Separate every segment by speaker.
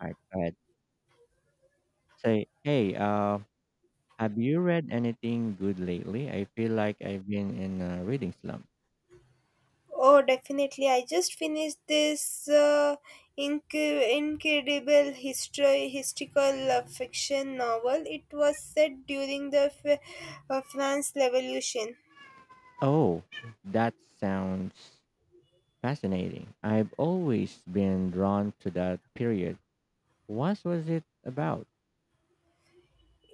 Speaker 1: I go say, hey, have you read anything good lately? I feel like I've been in a reading slump.
Speaker 2: Oh, definitely. I just finished this inc- incredible history historical fiction novel. It was set during the France Revolution.
Speaker 1: Oh, that sounds fascinating. I've always been drawn to that period. What was it about?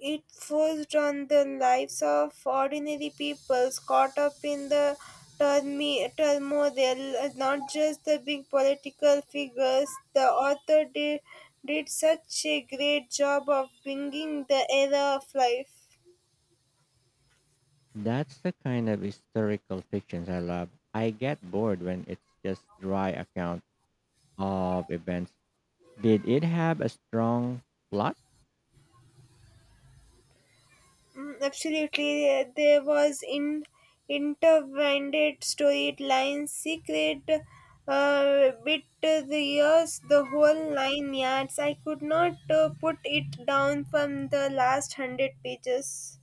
Speaker 2: It focused on the lives of ordinary people caught up in the turmoil, not just the big political figures. The author did such a great job of bringing the era of life.
Speaker 1: That's the kind of historical fictions I love. I get bored when it's just dry account of events. Did it have a strong plot?
Speaker 2: Mm, absolutely, there was in intertwined storyline, secret bit the years, the whole nine yards. I could not put it down from the last 100 pages.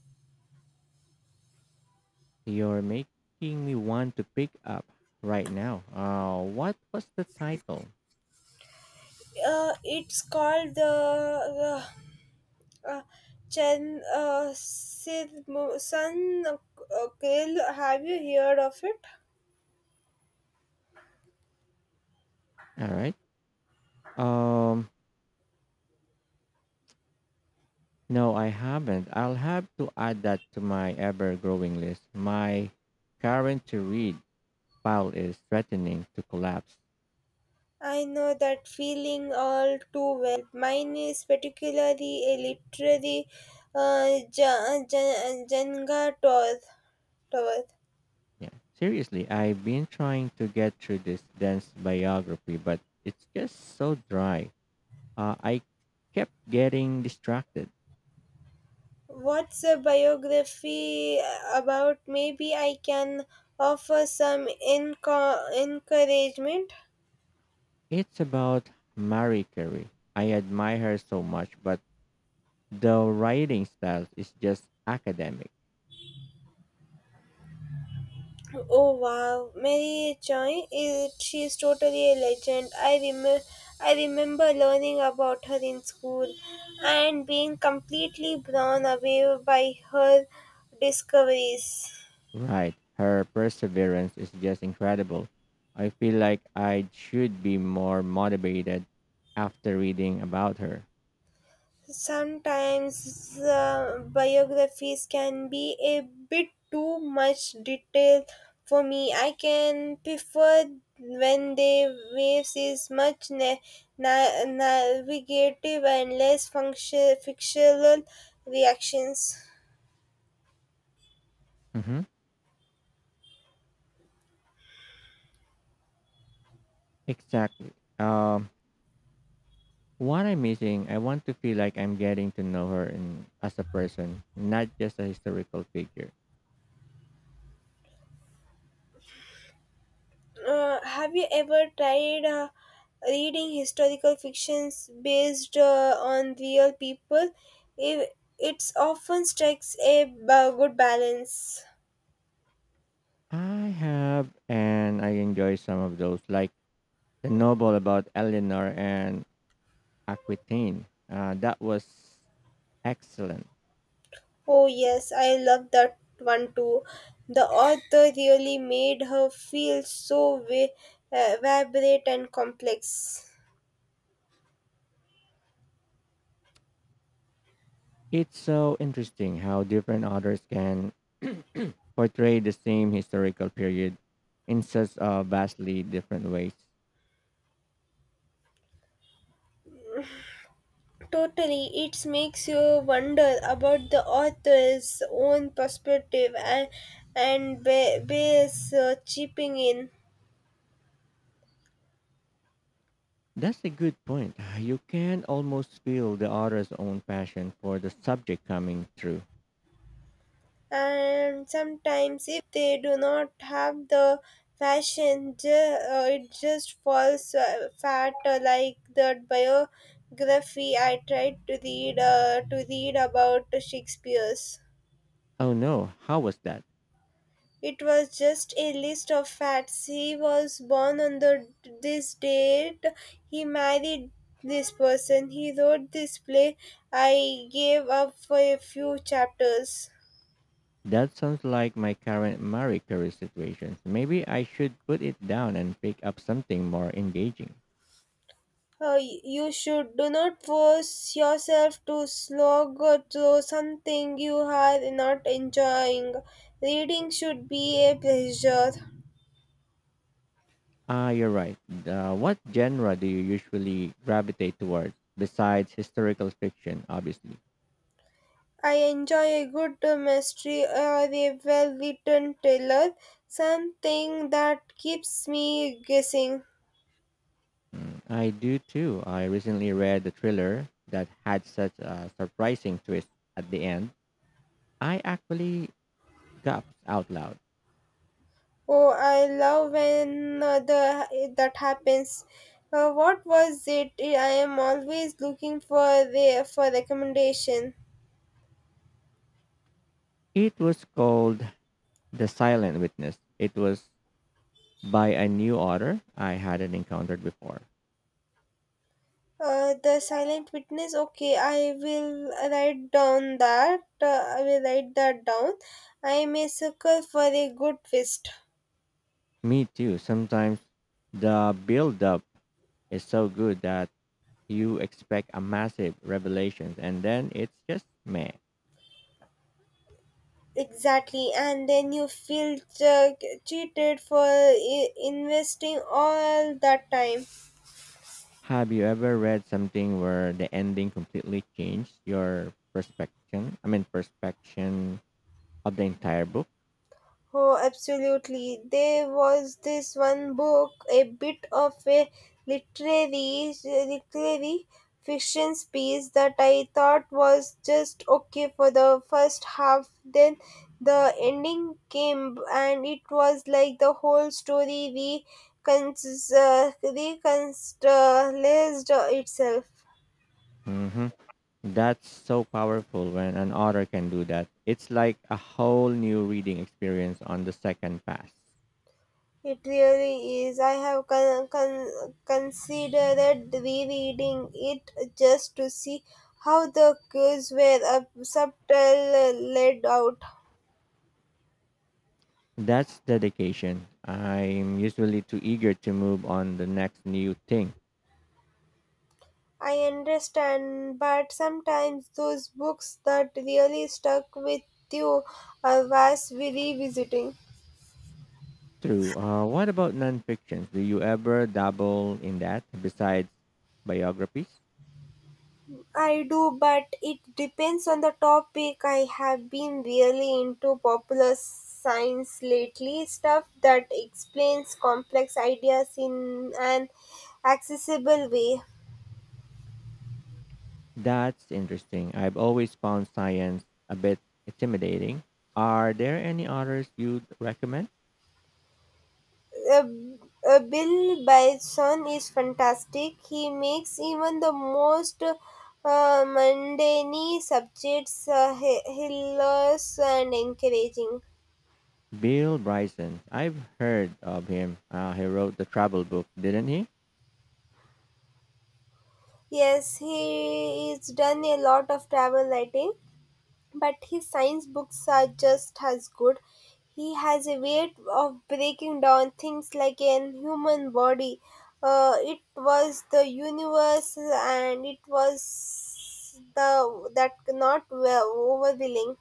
Speaker 1: You're making me want to pick up right now. What was the title?
Speaker 2: It's called the uh, uh, Chen Sun Grill. Have you heard of it?
Speaker 1: All right. Um, no, I haven't. I'll have to add that to my ever-growing list. My current to read pile is threatening to collapse.
Speaker 2: I know that feeling all too well. Mine is particularly a literary Jenga tower.
Speaker 1: Yeah. Seriously, I've been trying to get through this dense biography, but it's just so dry. I kept getting distracted.
Speaker 2: What's a biography about? Maybe I can offer some encouragement.
Speaker 1: It's about Marie Curie. I admire her so much, but the writing style is just academic,
Speaker 2: Oh wow, Mary Choi is she's totally a legend. I remember learning about her in school and being completely blown away by her discoveries.
Speaker 1: right? Her perseverance is just incredible. I feel like I should be more motivated after reading about her.
Speaker 2: Sometimes biographies can be a bit too much detail for me. I can prefer when the waves is much navigative and less fictional reactions.
Speaker 1: hmm Exactly. Um, what I'm missing, I want to feel like I'm getting to know her in, as a person, not just a historical figure.
Speaker 2: Have you ever tried reading historical fictions based on real people? It it's often strikes a good balance.
Speaker 1: I have, and I enjoy some of those, like the novel about Eleanor and Aquitaine. That was excellent.
Speaker 2: Oh, yes, I love that one too. The author really made her feel so vibrant and complex.
Speaker 1: It's so interesting how different authors can portray the same historical period in such vastly different ways.
Speaker 2: Totally, it makes you wonder about the author's own perspective and bears chipping in.
Speaker 1: That's a good point. You can almost feel the author's own passion for the subject coming through.
Speaker 2: And sometimes if they do not have the fashion it just falls fat like the biography I tried to read about shakespeare's
Speaker 1: Oh no, how was that?
Speaker 2: it was just a list of facts he was born on the this date he married this person he wrote this play I gave up for a few chapters.
Speaker 1: That sounds like my current Marie Curie situation. Maybe I should put it down and pick up something more engaging.
Speaker 2: You should do not force yourself to slog through something you are not enjoying. Reading should be a pleasure.
Speaker 1: Ah, you're right. What genre do you usually gravitate towards besides historical fiction, obviously?
Speaker 2: I enjoy a good mystery or a well written thriller, something that keeps me guessing.
Speaker 1: Mm, I do too. I recently read the thriller that had such a surprising twist at the end. I actually gasped out loud.
Speaker 2: Oh, I love when that happens. What was it? I am always looking for the for recommendation.
Speaker 1: It was called The Silent Witness. It was by a new author I hadn't encountered before.
Speaker 2: The silent witness. Okay, I will write down that. I will write that down. I may circle for a good twist.
Speaker 1: Me too. Sometimes the build up is so good that you expect a massive revelation and then it's just meh.
Speaker 2: Exactly, and then you feel uh, cheated for investing all that time.
Speaker 1: Have you ever read something where the ending completely changed your perspective? I mean, perspective of the entire book?
Speaker 2: Oh, absolutely. There was this one book, a bit of a literary fiction piece that I thought was just okay for the first half. Then the ending came, and it was like the whole story reconstructed itself.
Speaker 1: hmm That's so powerful when an author can do that. It's like a whole new reading experience on the second pass.
Speaker 2: It really is. I have considered rereading it just to see how the cues were subtle laid out.
Speaker 1: That's dedication. I'm usually too eager to move on the next new thing.
Speaker 2: I understand, but sometimes those books that really stuck with you are worth revisiting.
Speaker 1: True. What about nonfictions? Do you ever dabble in that besides biographies?
Speaker 2: I do, but it depends on the topic. I have been really into popular science lately, stuff that explains complex ideas in an accessible way.
Speaker 1: That's interesting. I've always found science a bit intimidating. Are there any others you'd recommend?
Speaker 2: Uh, Bill Bison is fantastic. He makes even the most mundane subjects hilarious and encouraging.
Speaker 1: Bill Bryson. I've heard of him. He wrote the travel book, didn't he?
Speaker 2: Yes, he is done a lot of travel writing, but his science books are just as good. He has a way of breaking down things like an human body. It was the universe, and it was the that not well overwhelming.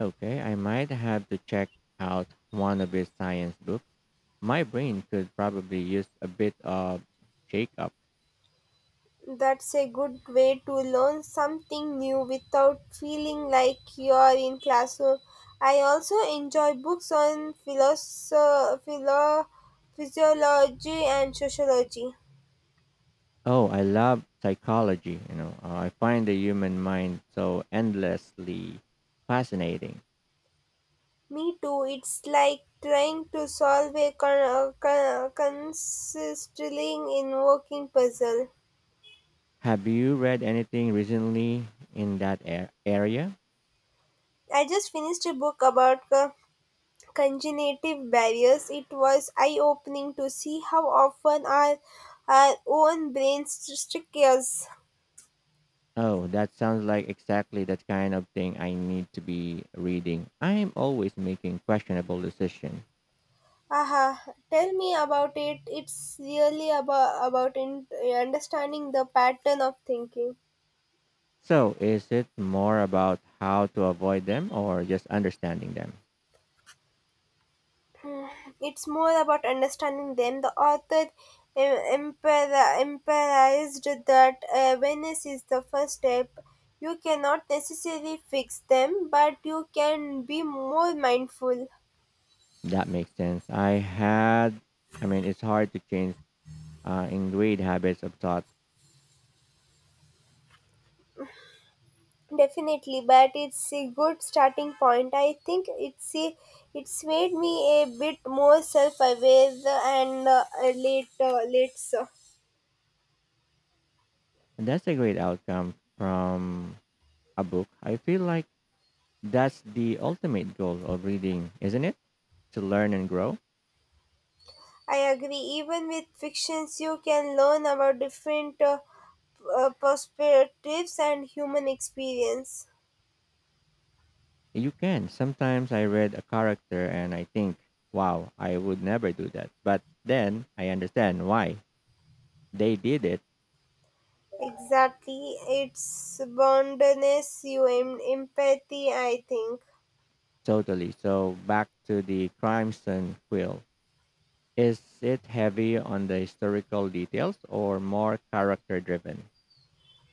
Speaker 1: Okay, I might have to check out one of his science books. My brain could probably use a bit of shake up.
Speaker 2: That's a good way to learn something new without feeling like you're in classroom. I also enjoy books on philo- physiology, and sociology.
Speaker 1: Oh, I love psychology. You know, I find the human mind so endlessly fascinating.
Speaker 2: Me too. It's like trying to solve a consistently invoking puzzle.
Speaker 1: Have you read anything recently in that area?
Speaker 2: I just finished a book about congenitive barriers. It was eye-opening to see how often our own brains trick us.
Speaker 1: Oh, that sounds like exactly that kind of thing I need to be reading. I am always making questionable decisions.
Speaker 2: Aha! Tell me about it. It's really about understanding the pattern of thinking.
Speaker 1: So, is it more about how to avoid them or just understanding them?
Speaker 2: It's more about understanding them. The author emphasized that awareness is the first step. You cannot necessarily fix them, but you can be more mindful.
Speaker 1: That makes sense. I mean, it's hard to change ingrained habits of thought.
Speaker 2: Definitely, but it's a good starting point. I think it's made me a bit more self-aware and later.
Speaker 1: That's a great outcome from a book. I feel like that's the ultimate goal of reading, isn't it? To learn and grow.
Speaker 2: I agree. Even with fictions, you can learn about different perspectives and human experience.
Speaker 1: You can. Sometimes I read a character and I think, wow, I would never do that. But then I understand why they did it
Speaker 2: Exactly. It's boundedness, you empathy, I think.
Speaker 1: totally. So back to the Crimson Quill. Is it heavy on the historical details or more character driven?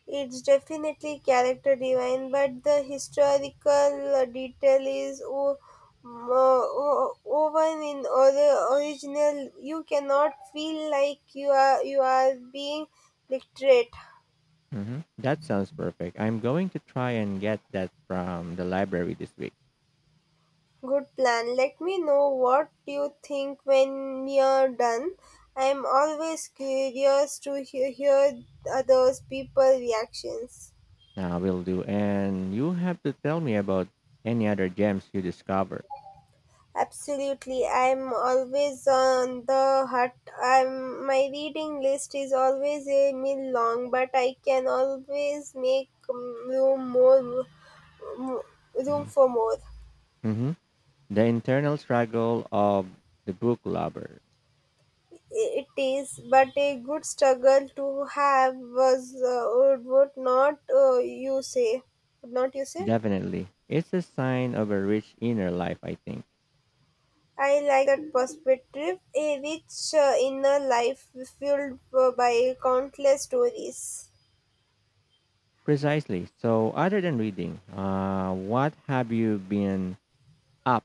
Speaker 2: It's definitely character driven but the historical detail is woven in other original. You cannot feel like you are being literate.
Speaker 1: That sounds perfect. I'm going to try and get that from the library this week.
Speaker 2: Good plan. Let me know what you think when you're done. I'm always curious to hear others people reactions.
Speaker 1: I will do. And you have to tell me about any other gems you discover.
Speaker 2: Absolutely. I'm always on the hut. I'm my reading list is always a mil long, but I can always make m- room for more.
Speaker 1: hmm The internal struggle of the book lover.
Speaker 2: It is, but a good struggle to have was would not you say? Would not you say?
Speaker 1: Definitely. It's a sign of a rich inner life, I think.
Speaker 2: I like that perspective, a rich inner life fueled by countless stories.
Speaker 1: Precisely. So, other than reading, what have you been up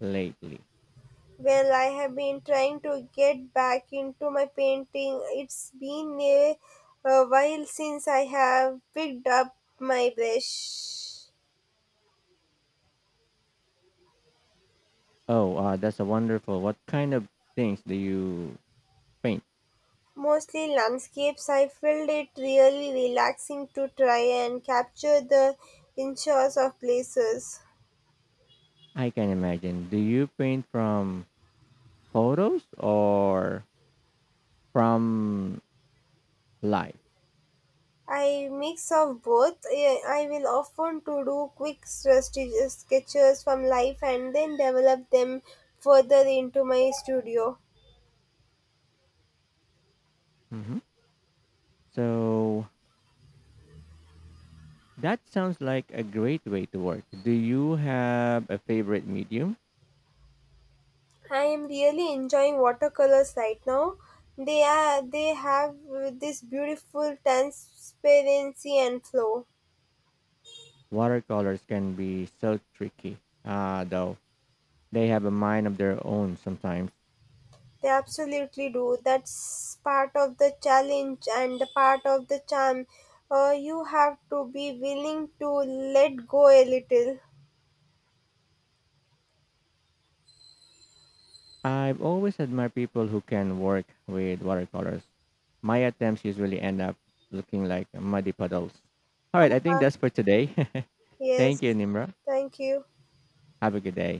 Speaker 1: lately?
Speaker 2: Well, I have been trying to get back into my painting. It's been a while since I have picked up my brush.
Speaker 1: Oh, that's a wonderful. What kind of things do you paint?
Speaker 2: Mostly landscapes. I felt it really relaxing to try and capture the inches of places.
Speaker 1: I can imagine. Do you paint from photos or from life?
Speaker 2: I mix of both. I will often to do quick sketches from life and then develop them further into my studio.
Speaker 1: So that sounds like a great way to work. Do you have a favorite medium?
Speaker 2: I am really enjoying watercolors right now. They have this beautiful transparency and flow.
Speaker 1: Watercolors can be so tricky, though. They have a mind of their own sometimes.
Speaker 2: They absolutely do. That's part of the challenge and the part of the charm. You have to be willing to let go a little.
Speaker 1: I've always admired people who can work with watercolors. My attempts usually end up looking like muddy puddles. All right, I think
Speaker 2: Uh-huh.
Speaker 1: that's for today. Thank you,
Speaker 2: Yes.
Speaker 1: Nimra.
Speaker 2: Thank you.
Speaker 1: Have a good day.